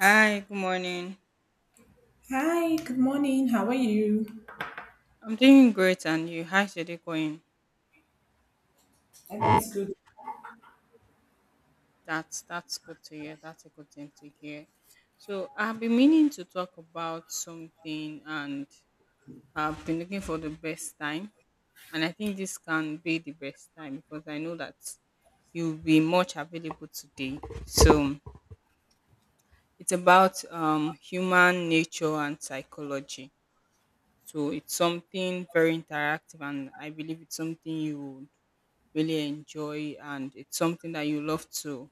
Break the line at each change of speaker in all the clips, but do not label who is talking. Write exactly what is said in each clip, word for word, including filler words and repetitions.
Hi, good morning.
Hi, good morning. How are you?
I'm doing great, and you? How's your day going?
And that is good.
That's that's good to hear. That's a good thing to hear. So I've been meaning to talk about something, and I've been looking for the best time, and I think this can be the best time because I know that you'll be much available today. So it's about um, human nature and psychology. So it's something very interactive, and I believe it's something you would really enjoy and it's something that you love to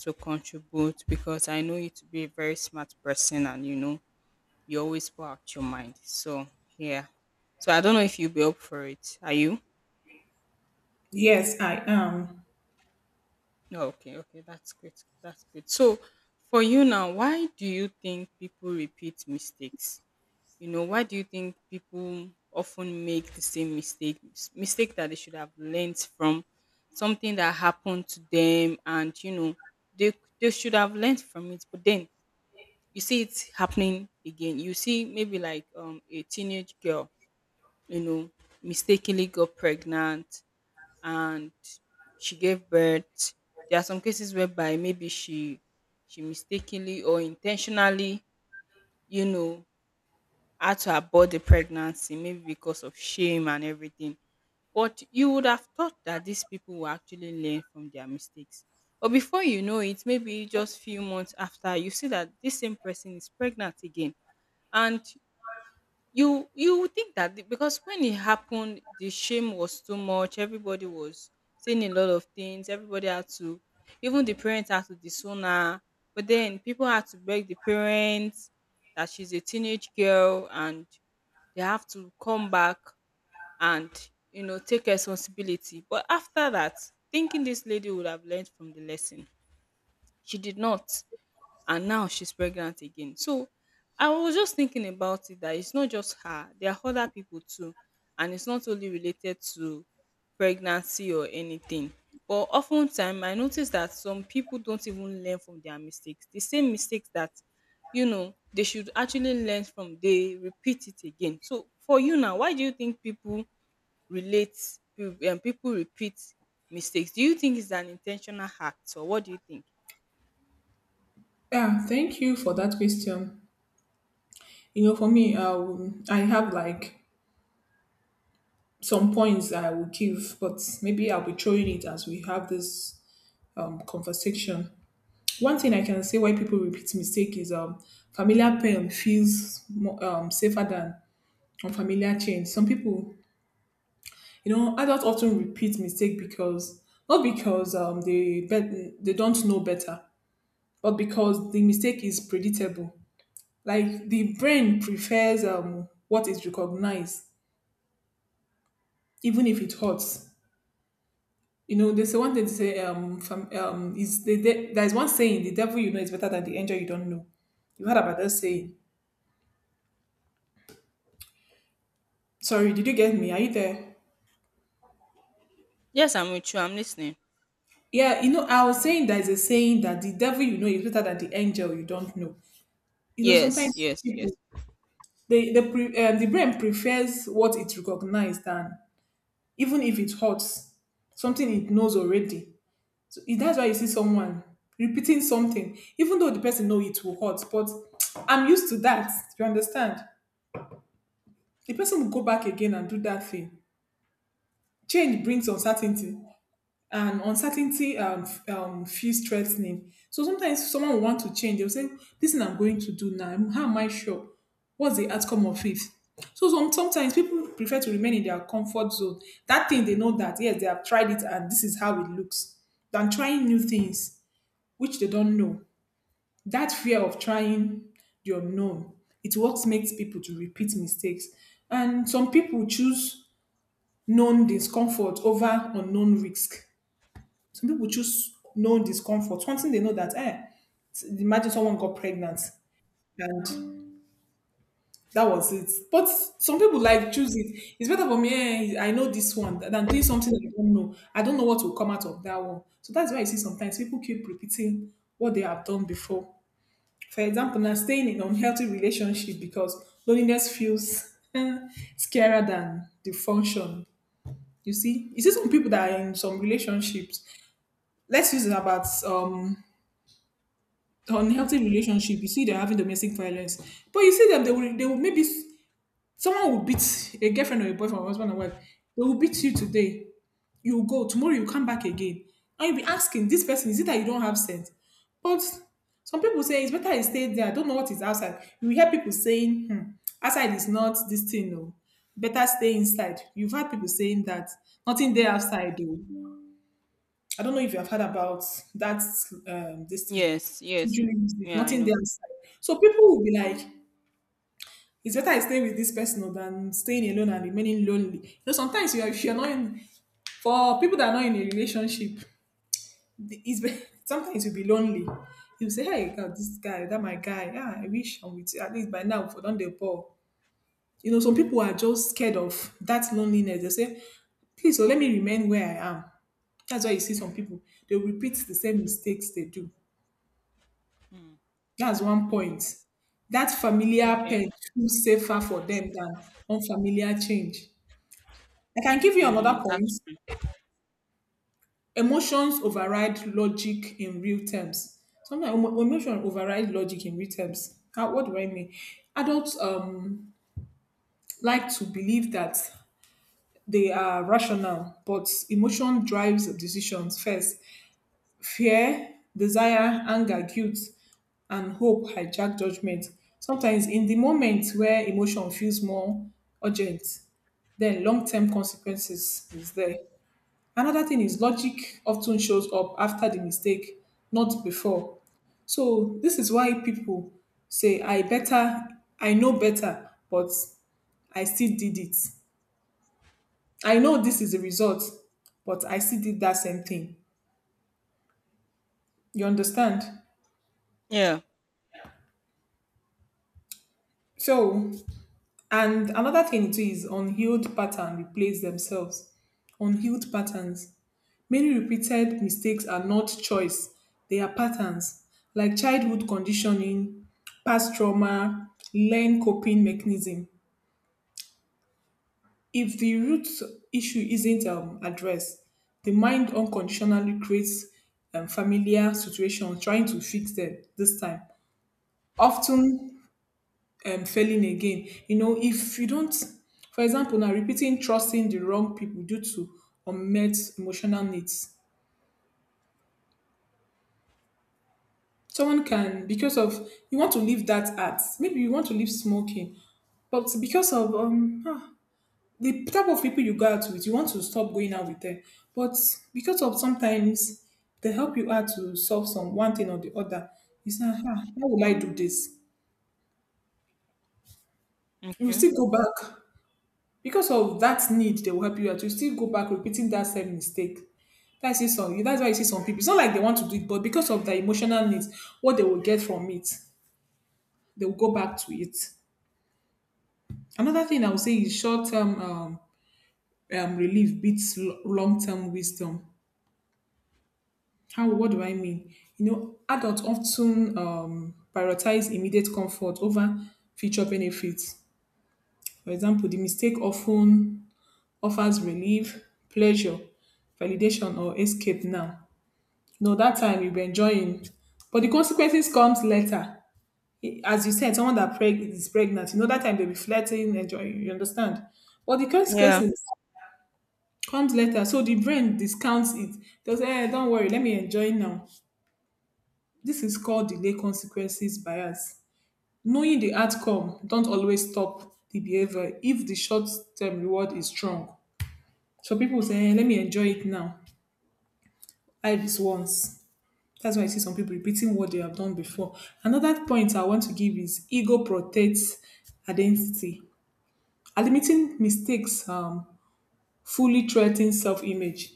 to contribute because I know you to be a very smart person and you know you always pour out your mind. So yeah. So I don't know if you'll be up for it. Are you?
Yes, I am.
No, okay, okay, that's good. That's good. So for you now, why do you think people repeat mistakes? You know, why do you think people often make the same mistake mistake that they should have learned from something that happened to them and you know they they should have learned from it but then you see it happening again. You see maybe like um a teenage girl, you know, mistakenly got pregnant and she gave birth. There are some cases whereby maybe she she mistakenly or intentionally, you know, had to abort the pregnancy maybe because of shame and everything. But you would have thought that these people will actually learn from their mistakes. But before you know it, maybe just few months after, you see that this same person is pregnant again. And you you would think that the- because when it happened, the shame was too much. Everybody was saying a lot of things. Everybody had to, even the parents had to disown her. But then people had to beg the parents that she's a teenage girl and they have to come back and, you know, take responsibility. But after that, thinking this lady would have learned from the lesson, she did not and now she's pregnant again. So I was just thinking about it that it's not just her, there are other people too, and it's not only related to pregnancy or anything. But oftentimes I notice that some people don't even learn from their mistakes. The same mistakes that you know they should actually learn from they repeat it again. So for you now, why do you think people relate and people repeat mistakes? Do you think it's an intentional act or what do you think?
Yeah, thank you for that question. You know, for me, um, I have like some points that I will give, but maybe I'll be throwing it as we have this um, conversation. One thing I can say why people repeat mistake is um, familiar pain feels more, um, safer than unfamiliar change. Some people, you know, adults often repeat mistake because not because um, they bet they don't know better, but because the mistake is predictable. Like the brain prefers um, what is recognized, even if it hurts. You know, there's one thing to say, um, from, um, is the, de- there's one saying, the devil you know is better than the angel you don't know. You heard about that saying. Sorry, did you get me? Are you there?
Yes, I'm with you. I'm listening.
Yeah, you know, I was saying there's a saying that the devil you know is better than the angel you don't know. You know,
Yes,
sometimes
yes, yes.
people, they, the, pre- um, the brain prefers what it recognized than even if it hurts, something it knows already. It- That's why you see someone repeating something, even though the person know it will hurt. But I'm used to that. You understand? The person will go back again and do that thing. Change brings uncertainty, and uncertainty um, f- um, feels threatening. So sometimes someone will want to change. They'll say, "This thing I'm going to do now. How am I sure? What's the outcome of it?" So some, sometimes people prefer to remain in their comfort zone. That thing they know that yes, they have tried it and this is how it looks, than trying new things which they don't know. That fear of trying the unknown it what makes people to repeat mistakes, and some people choose known discomfort over unknown risk. Some people choose known discomfort, something they know that eh imagine someone got pregnant and that was it, but some people like choose it. It's better for me, eh, I know this one than doing something i don't know i don't know what will come out of that one. So that's why you see sometimes people keep repeating what they have done before. For example, now staying in unhealthy relationship because loneliness feels scarier than the function. You see, you see some people that are in some relationships. Let's use it about um unhealthy relationship. You see, they're having domestic violence, but you see them. They will. They will maybe someone will beat a girlfriend or a boyfriend or husband and wife. They will beat you today. You go tomorrow. You come back again, and you'll be asking this person, "Is it that you don't have sense?" But some people say it's better I stay there. I don't know what is outside. You will hear people saying, hmm, "Outside is not this thing, no. Better stay inside." You've had people saying that nothing there outside. Though. I don't know if you have heard about that um, this thing.
Yes, yes.
Julie,
Yeah, I
nothing
know.
there outside. So people will be like, it's better I stay with this person than staying alone and remaining lonely. You know, sometimes you are, if you're not in, for people that are not in a relationship, the- it's be- sometimes you'll be lonely. You'll say, hey, God, this guy, that my guy, yeah, I wish I'm with you. At least by now, for don't they ball. You know, some people are just scared of that loneliness. They say, please, so let me remain where I am. That's why you see some people, they repeat the same mistakes they do.
Mm,
That's one
mm,
point. That familiar
okay.
pain feels safer for them than unfamiliar change. I can give you another
Mm,
point.
that's true.
Emotions override logic in real terms. Sometimes emo- emotion override logic in real terms. How, what do I mean? Adults um, like to believe that they are rational, but emotion drives decisions first. Fear, desire, anger, guilt, and hope hijack judgment. Sometimes in the moment where emotion feels more urgent, then long-term consequences is there. Another thing is logic often shows up after the mistake, not before. So this is why people say, I better, I know better, but I still did it. I know this is the result, but I still did that same thing. You understand?
Yeah.
So, and another thing too is unhealed pattern replace themselves. Unhealed patterns many repeated mistakes are not choice, they are patterns, like childhood conditioning, past trauma, learned coping mechanism. If the root issue isn't um, addressed, the mind unconditionally creates um, familiar situations trying to fix them this time, often um, failing again. You know, if you don't, for example, now repeating trusting the wrong people due to unmet emotional needs. Someone can, because of you want to leave that art, maybe you want to leave smoking, but because of um ah, the type of people you go out with, you want to stop going out with them. But because of sometimes they help you out to solve some one thing or the other, you say, ah, ah, how will I do this? You
Okay.
still go back because of that need they will help you out. You still go back repeating that same mistake. That's it. Some that's why you see some people. It's not like they want to do it, but because of their emotional needs, what they will get from it, they will go back to it. Another thing I would say is short term um, um, relief beats long term wisdom. How? What do I mean? You know, adults often um, prioritize immediate comfort over future benefits. For example, the mistake often offers relief, pleasure, validation, or escape now. No, that time you'll be enjoying, but the consequences comes later. I- As you said, someone that preg- is pregnant, you know, that time they'll be flirting, enjoying, you understand? But the
Yeah.
consequences comes later. So the brain discounts it. Does eh, don't worry, let me enjoy now. This is called delay consequences bias. Knowing the outcome don't always stop the behavior if the short term reward is strong. So people say, eh, let me enjoy it now. Life is once. That's why I see some people repeating what they have done before. Another point I want to give is ego protects identity. Admitting mistakes um, fully threatens self image.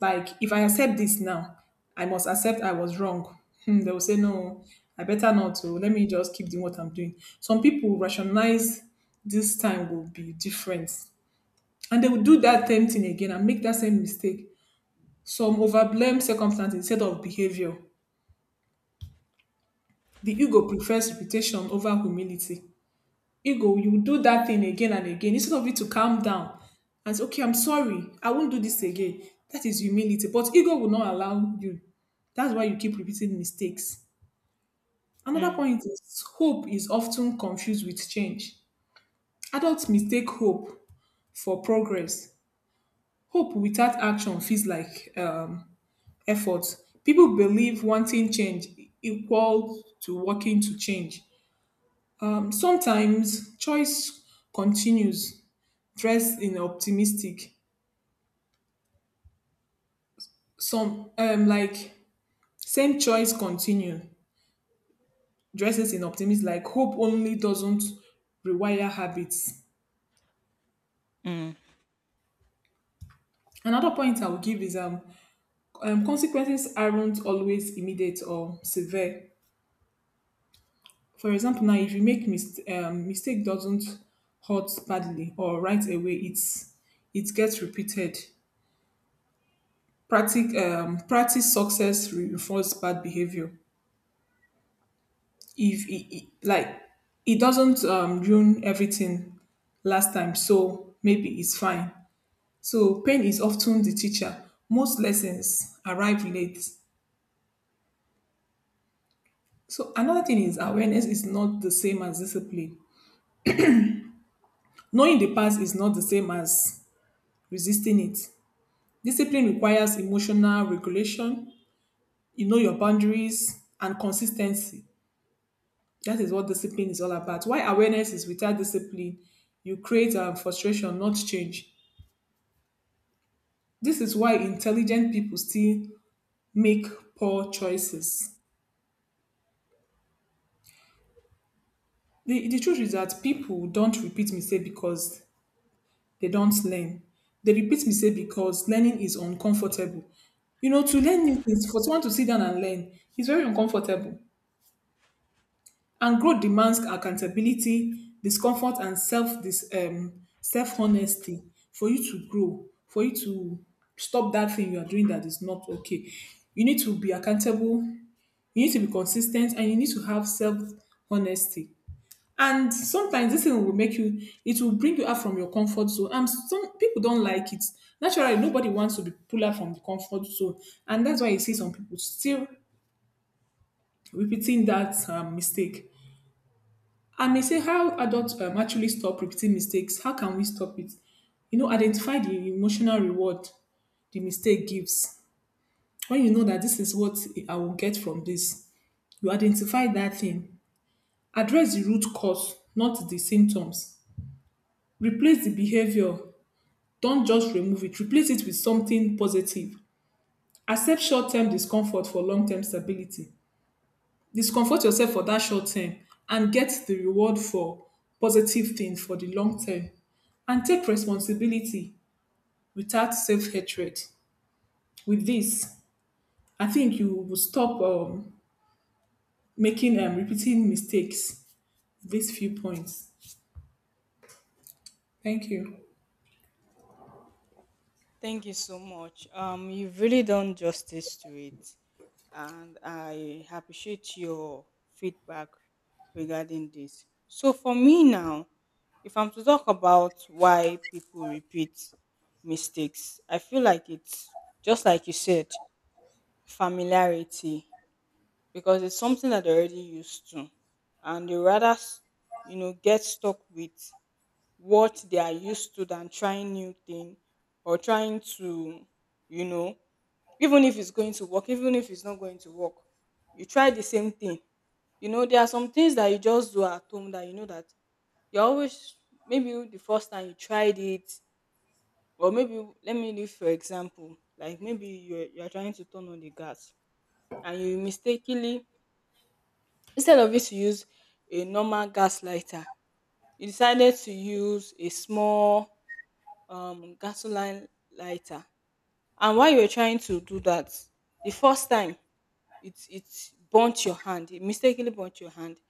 Like if I accept this now, I must accept I was wrong. Hmm, they will say no, I better not. So let me just keep doing what I'm doing. Some people rationalize this time will be different, and they will do that same thing again and make that same mistake. Some overblame circumstance instead of behavior. The ego prefers reputation over humility. Ego you will do that thing again and again instead of you to calm down and say okay I'm sorry I won't do this again. That is humility but ego will not allow you. That's why you keep repeating mistakes. Another
Mm,
point is hope is often confused with change. Adults mistake hope for progress. Hope without action feels like um, effort. People believe wanting change equal to working to change. Um, sometimes choice continues dress in optimistic. Some um like same choice continue. Dresses in optimism like hope only doesn't rewire habits.
mm.
Another point I will give is um, um consequences aren't always immediate or severe. For example, now if you make mist- um, mistake doesn't hurt badly or right away, it's it gets repeated. Practic- um, practice success reinforce bad behavior. If it, it- like it doesn't um, ruin everything last time so maybe it's fine. So pain is often the teacher, most lessons arrive late. So another thing is awareness is not the same as discipline. Knowing the past is not the same as resisting it. Discipline requires emotional regulation, you know your boundaries and consistency. That is what discipline is all about. Why awareness is without discipline, you create um, frustration not change. This is why intelligent people still make poor choices. The, the truth is that people don't repeat mistakes because they don't learn. They repeat mistakes because learning is uncomfortable. You know, to learn new things, for someone to sit down and learn, is very uncomfortable. And growth demands accountability, discomfort, and self this um self honesty. For you to grow, for you to stop that thing you are doing that is not okay. You need to be accountable. You need to be consistent, and you need to have self honesty. And sometimes this thing will make you, it will bring you out from your comfort zone. And some people don't like it. Naturally, nobody wants to be pulled out from the comfort zone. And that's why you see some people still repeating that um, mistake. I may say, how adults um, actually stop repeating mistakes? How can we stop it? You know, identify the emotional reward the mistake gives. When you know that this is what I will get from this, you identify that thing. Address the root cause, not the symptoms. Replace the behavior. Don't just remove it. Replace it with something positive. Accept short term discomfort for long term stability. Discomfort yourself for that short term and get the reward for positive things for the long term. And take responsibility without self hatred. With this, I think you will stop um, making and repeating mistakes. These few points. Thank you.
Thank you so much. Um, you've really done justice to it, and I appreciate your feedback regarding this. So for me now, if I'm to talk about why people repeat mistakes, I feel like it's just like you said, familiarity because it's something that they're already used to and they rather s- you know get stuck with what they are used to than trying new thing or trying to you know even if it's going to work even if it's not going to work you try the same thing, you know there are some things that you just do at home that you know that you always, maybe the first time you tried it, or maybe let me give for example like, maybe you're, you're trying to turn on the gas and you mistakenly, instead of you to use a normal gas lighter, you decided to use a small um, gasoline lighter. And while you were trying to do that, the first time it it burnt your hand, it mistakenly burnt your hand.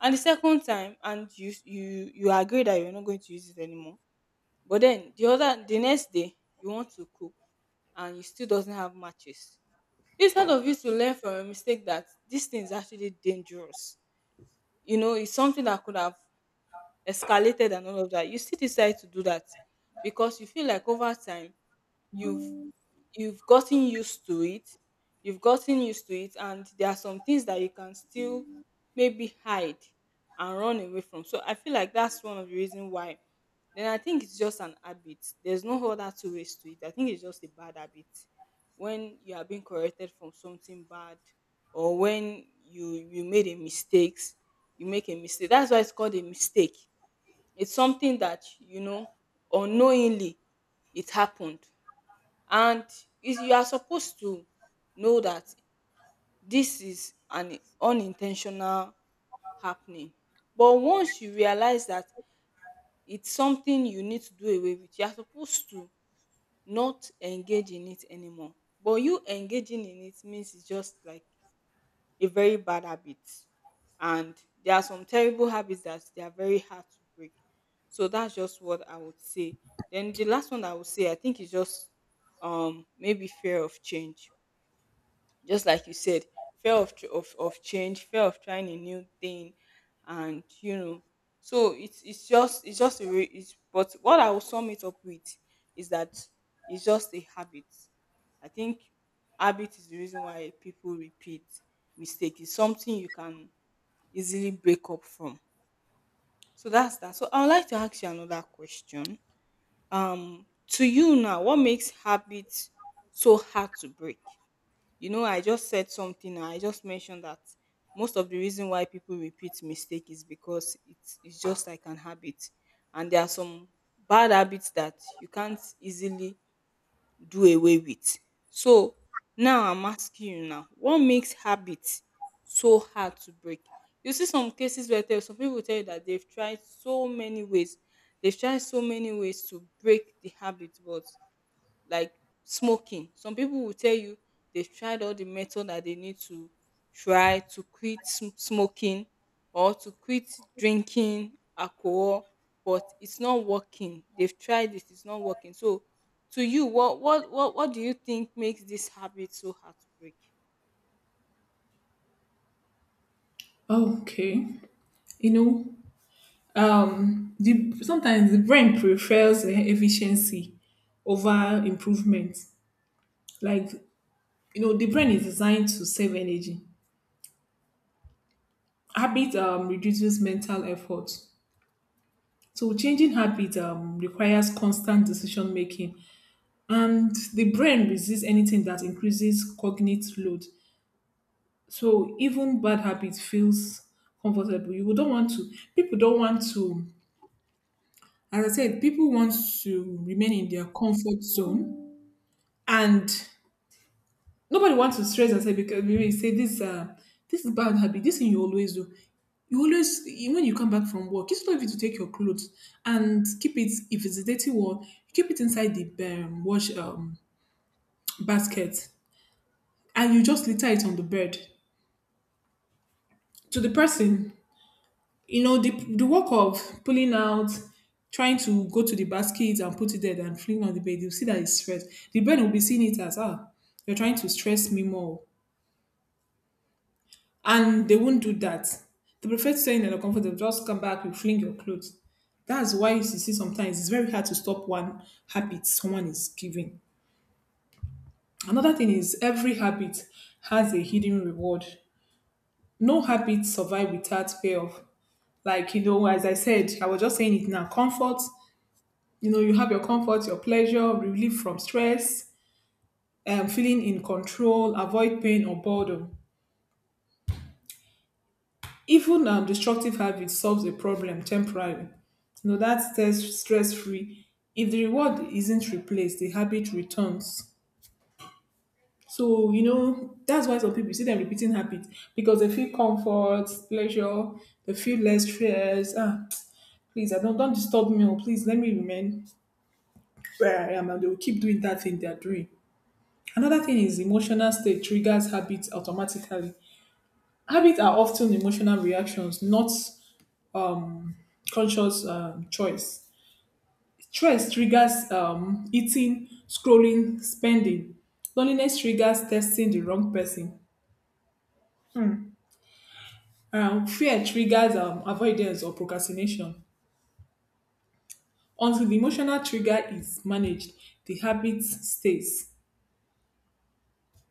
And the second time, and you you you agree that you're not going to use it anymore. But then the other the next day you want to cook and you still doesn't have matches. Instead of you to learn from a mistake that this thing is actually dangerous, you know, it's something that could have escalated and all of that, you still decide to do that because you feel like over time you've you've gotten used to it, you've gotten used to it, and there are some things that you can still maybe hide and run away from. So I feel like that's one of the reasons why. Then I think it's just an habit. There's no other two ways to it. I think it's just a bad habit. When you are being corrected from something bad, or when you you made a mistakes, you make a mistake. That's why it's called a mistake. It's something that you know unknowingly it happened, and is you are supposed to know that this is an unintentional happening. But once you realize that it's something you need to do away with, you are supposed to not engage in it anymore. But you engaging in it means it's just like a very bad habit, and there are some terrible habits that they are very hard to break. So that's just what I would say. Then the last one I would say, I think is just um maybe fear of change, just like you said, fear of tr- of, of change, fear of trying a new thing, and, you know, so it's it's just it's just a re- it's, but what I will sum it up with is that it's just a habit. I think habit is the reason why people repeat mistake. It's something you can easily break up from. So that's that. So I would like to ask you another question. Um, to you now, what makes habits so hard to break? You know, I just said something. I just mentioned that most of the reason why people repeat mistake is because it's it's just like an habit, and there are some bad habits that you can't easily do away with. So now I'm asking you now, what makes habits so hard to break? You see some cases where tell some people tell you that they've tried so many ways, they've tried so many ways to break the habit, but like smoking. Some people will tell you they've tried all the method that they need to try to quit sm- smoking, or to quit drinking alcohol, but it's not working. They've tried it, it's not working. So to you, what what what, what do you think makes this habit so hard to break?
Okay. You know, um the sometimes the brain prefers e- efficiency over improvement, like, you know, the brain is designed to save energy. Habit um, reduces mental effort, so changing habit um, requires constant decision making, and the brain resists anything that increases cognitive load. So even bad habit feels comfortable. You don't want to, people don't want to, as I said, people want to remain in their comfort zone. And nobody wants to stress and say, because you say this, uh this is bad habit, this thing you always do. You always you- when you come back from work, it's not even to take your clothes and keep it if it's a dirty one, you keep it inside the um, wash um basket, and you just litter it on the bed. To the person, you know, the the work of pulling out, trying to go to the basket and put it there and fling on the bed, you see that it's stress. The bed will be seeing it as, ah, you're trying to stress me more. And they won't do that. They prefer staying in the comfort of just come back, you fling your clothes. That's why you see sometimes it's very hard to stop one habit someone is giving. Another thing is every habit has a hidden reward. No habit survive without payoff. Like, you know, as I said, I was just saying it now. Comfort, you know, you have your comfort, your pleasure, relief from stress, um, feeling in control, avoid pain or boredom. Even um, destructive habit solves a problem temporarily. You know, that's stress stress free. If the reward isn't replaced, the habit returns. So, you know, that's why some people see them repeating habits because they feel comfort, pleasure, they feel less stress. Ah, please, I don't don't disturb me. Or please let me remain where I am. And they will keep doing that thing they're doing. Another thing is emotional state triggers habits automatically. Habits are often emotional reactions, not conscious um, choice. Stress triggers um, eating, scrolling, spending. Loneliness triggers testing the wrong person. Um, fear triggers um, avoidance or procrastination. Until the emotional trigger is managed, the habit stays.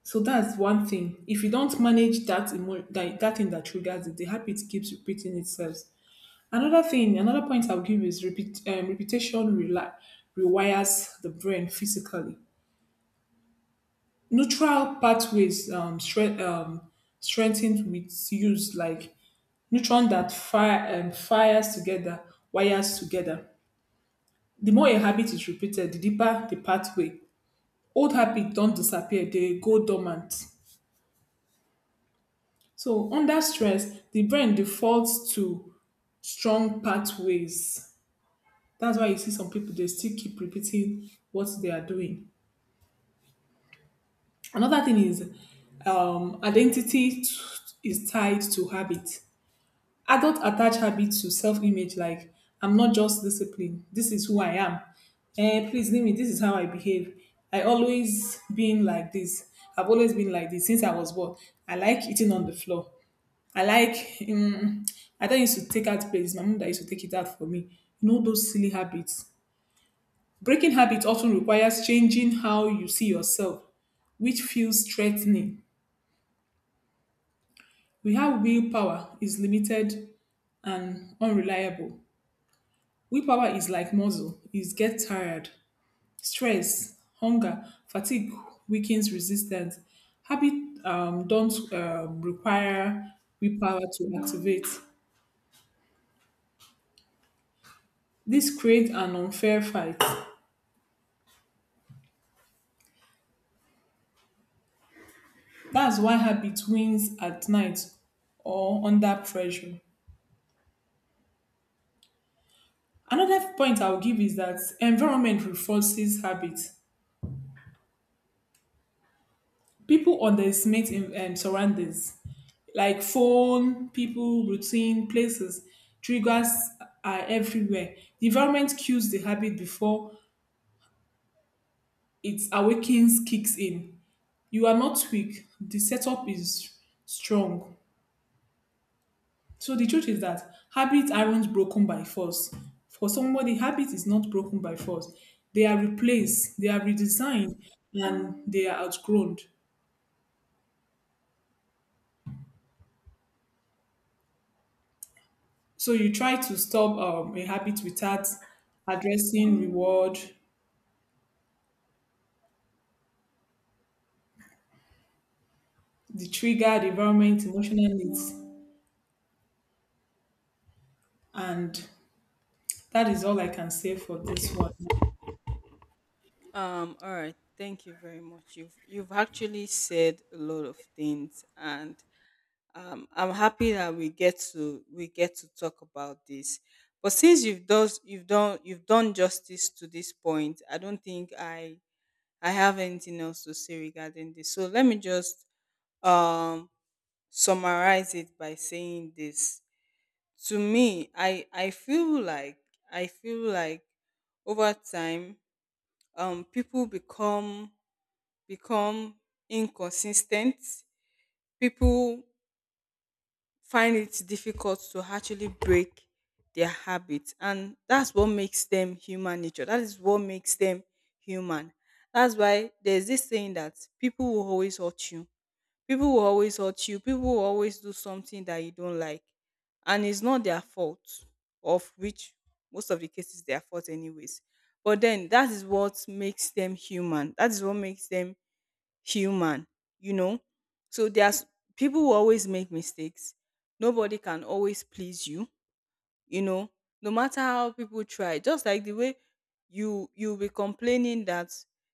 So that's one thing. If you don't manage that, emo- that that thing that triggers it, the habit keeps repeating itself. Another thing, another point I'll give is repeat, um, repetition reli- rewires the brain physically. Neutral pathways um, stre- um, strengthened with use, like neutron that fire um, fires together, wires together. The more a habit is repeated, the deeper the pathway. Old habits don't disappear, they go dormant. So under stress, the brain defaults to strong pathways. That's why you see some people they still keep repeating what they are doing. Another thing is um, identity t- is tied to habit. Adults attach habits to self image, like, I'm not just discipline, this is who I am. Eh, please leave me, this is how I behave. I always been like this. I've always been like this since I was born. I like eating on the floor. I like, um, I don't used to take out plates. My mom that used to take it out for me. You know those silly habits. Breaking habits often requires changing how you see yourself, which feels threatening. We have willpower is limited and unreliable. Willpower is like muscle, it gets tired. Stress, hunger, fatigue weakens resistance. Habit um, don't um, require willpower to activate. This creates an unfair fight. That's why habit wins at night or under pressure. Another point I'll give is that environment reinforces habit. People underestimate in, um, surroundings, like phone, people, routine, places. Triggers are everywhere. The environment cues the habit before it awakens, kicks in. You are not weak. The setup is strong. So the truth is that habits aren't broken by force. For somebody, habit is not broken by force. They are replaced, they are redesigned, and they are outgrown. So you try to stop um, a habit without addressing reward, the trigger, the environment, emotional needs. And that is all I can say for this one.
Um, all right. Thank you very much. You've you've actually said a lot of things, and um, I'm happy that we get to we get to talk about this. But since you've does you've done you've done justice to this point, I don't think I I have anything else to say regarding this. So let me just um summarize it by saying this. To me, I I feel like I feel like over time, um people become become inconsistent. People find it difficult to actually break their habits, and that's what makes them, human nature, that is what makes them human. That's why there's this saying that people will always hurt you, people will always hurt you, people will always do something that you don't like, and it's not their fault, of which most of the cases their fault anyways, but then that is what makes them human, that is what makes them human, you know? So there's people who always make mistakes. Nobody can always please you, you know no matter how people try. Just like the way you you'll be complaining that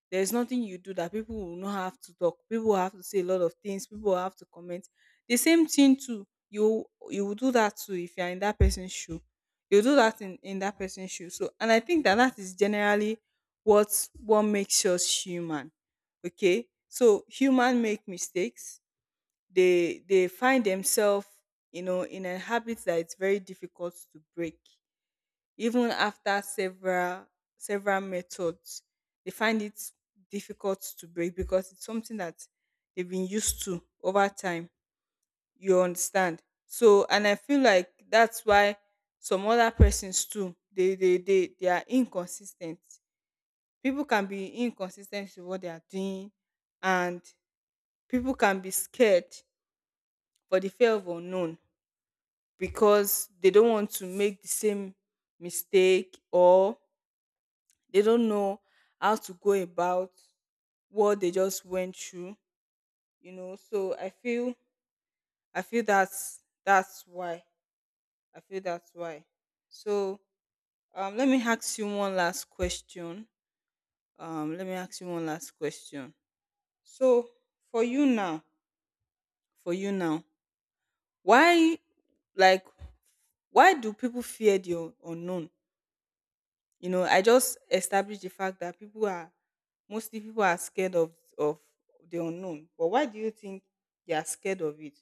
there's nothing you do that people will not have to talk, people will have to say a lot of things, people will have to comment. The same thing too, you you will do that too if you're in that person's shoe, you do that in in that person's shoe. So and I think that that is generally what what makes us human. Okay, so human make mistakes, they they find themselves, you know in a habit that it's very difficult to break, even after several several methods. They find it difficult to break because it's something that they've been used to over time, you understand? So and I feel like that's why some other persons too, they they they, they are inconsistent. People can be inconsistent with what they are doing, and people can be scared for the fear of unknown because they don't want to make the same mistake, or they don't know how to go about what they just went through, you know? So i feel i feel that's that's why i feel that's why so um let me ask you one last question. um let me ask you one last question. So for you now for you now, why like why do people fear the un- unknown? you know I just established the fact that people are mostly people are scared of of the unknown, but why do you think they are scared of it?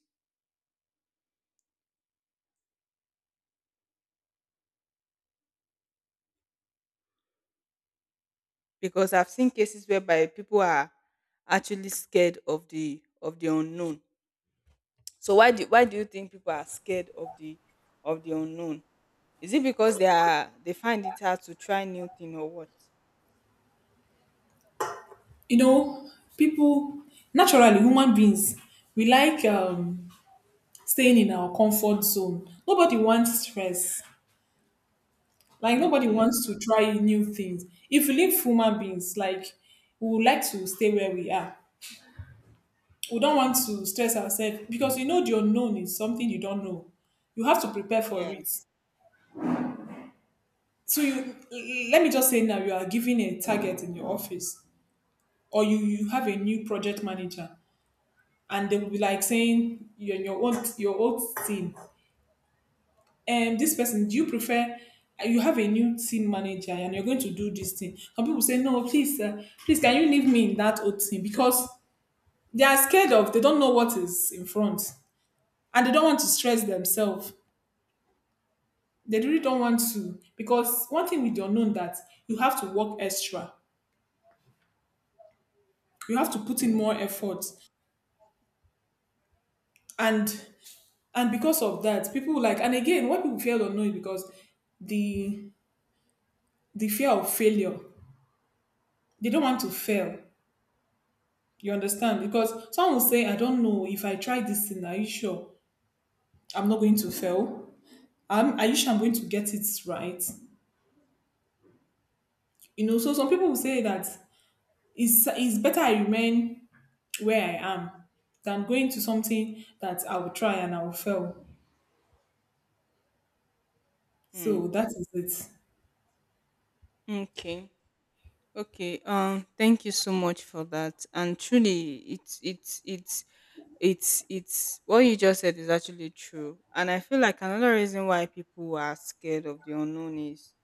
Because I've seen cases whereby people are actually scared of the of the unknown. So why do why do you think people are scared of the of the unknown? Is it because they are they find it hard to try new thing or what?
You know, people, naturally, human beings, we like um, staying in our comfort zone. Nobody wants stress. Like, nobody
Okay.
wants to try new things. If we live human beings, like, we would like to stay where we are. We don't want to stress ourselves because, you know, the unknown is something you don't know. You have to prepare for
Yeah.
it. So you let me just say now you are given a target in your office, or you, you have a new project manager, and they will be like saying your your own your old team and this person, do you prefer, you have a new team manager and you're going to do this thing. Some people say, no, please, uh, please, can you leave me in that old team, because they are scared of, they don't know what is in front, and they don't want to stress themselves. They really don't want to, because one thing with the unknown that you have to work extra, you have to put in more effort, and and because of that, people like, and again, what people fear the unknown is because the the fear of failure. They don't want to fail. You understand? Because someone will say, "I don't know if I try this thing. Are you sure I'm not going to fail? Um, are you sure I'm going to get it right?" You know. So some people will say that it's it's better I remain where I am than going to something that I will try and I will fail.
Hmm.
So that is it.
Okay. Okay, um, thank you so much for that. And truly, it's it's it's it's it's what you just said is actually true. And I feel like another reason why people are scared of the unknown is,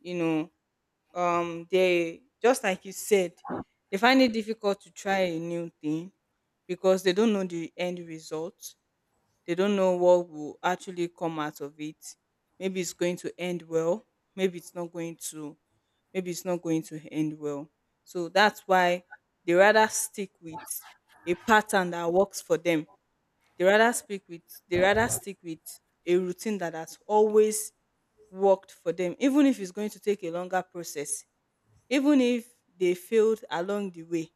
you know, um, they, just like you said, they find it difficult to try a new thing because they don't know the end result. They don't know what will actually come out of it. Maybe it's going to end well. Maybe it's not going to. Maybe it's not going to end well. So that's why they rather stick with a pattern that works for them. They rather stick with. They rather stick with a routine that has always worked for them, even if it's going to take a longer process, even if they failed along the way,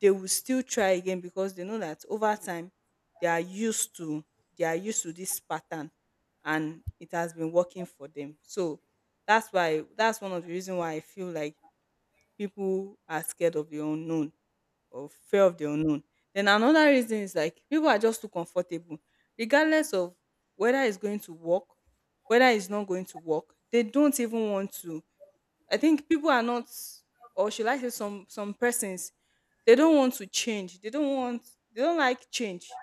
they will still try again because they know that over time they are used to they are used to this pattern, and it has been working for them. So that's why, that's one of the reasons why I feel like people are scared of the unknown, or fear of the unknown. Then another reason is like people are just too comfortable. Regardless of whether it's going to work, whether it's not going to work, they don't even want to. I think people are not, or should I say, some some persons, they don't want to change. They don't want. They don't like change.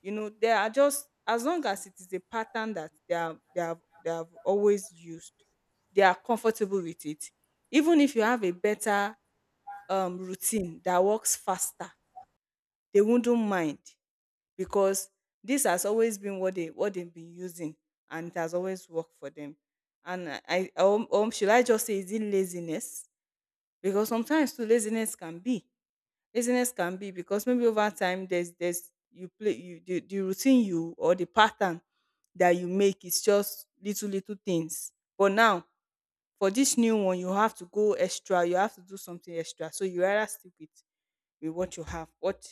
You know, they are just, as long as it is a pattern that they are they have they have always used, they are comfortable with it. Even if you have a better um, routine that works faster, they wouldn't mind because this has always been what they what they've been using, and it has always worked for them. And I, I or, or should I just say, is it laziness? Because sometimes too, laziness can be. Laziness can be because maybe over time, there's there's you play you the, the routine you, or the pattern that you make is just little little things. But now for this new one, you have to go extra, you have to do something extra. So you rather stick with, with what you have. But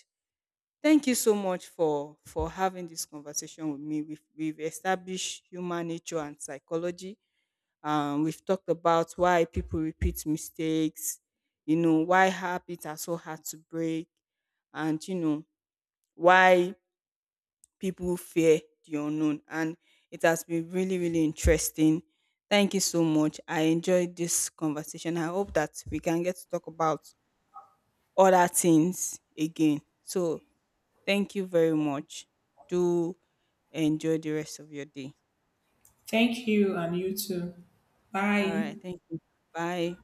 thank you so much for for having this conversation with me. We've we've established human nature and psychology. um, we've talked about why people repeat mistakes, you know, why habits are so hard to break, and, you know, why people fear the unknown. And it has been really, really interesting. Thank you so much. I enjoyed this conversation. I hope that we can get to talk about other things again. So, thank you very much. Do enjoy the rest of your day.
Thank you and you too.
All
Bye.
right. Thank you. Bye.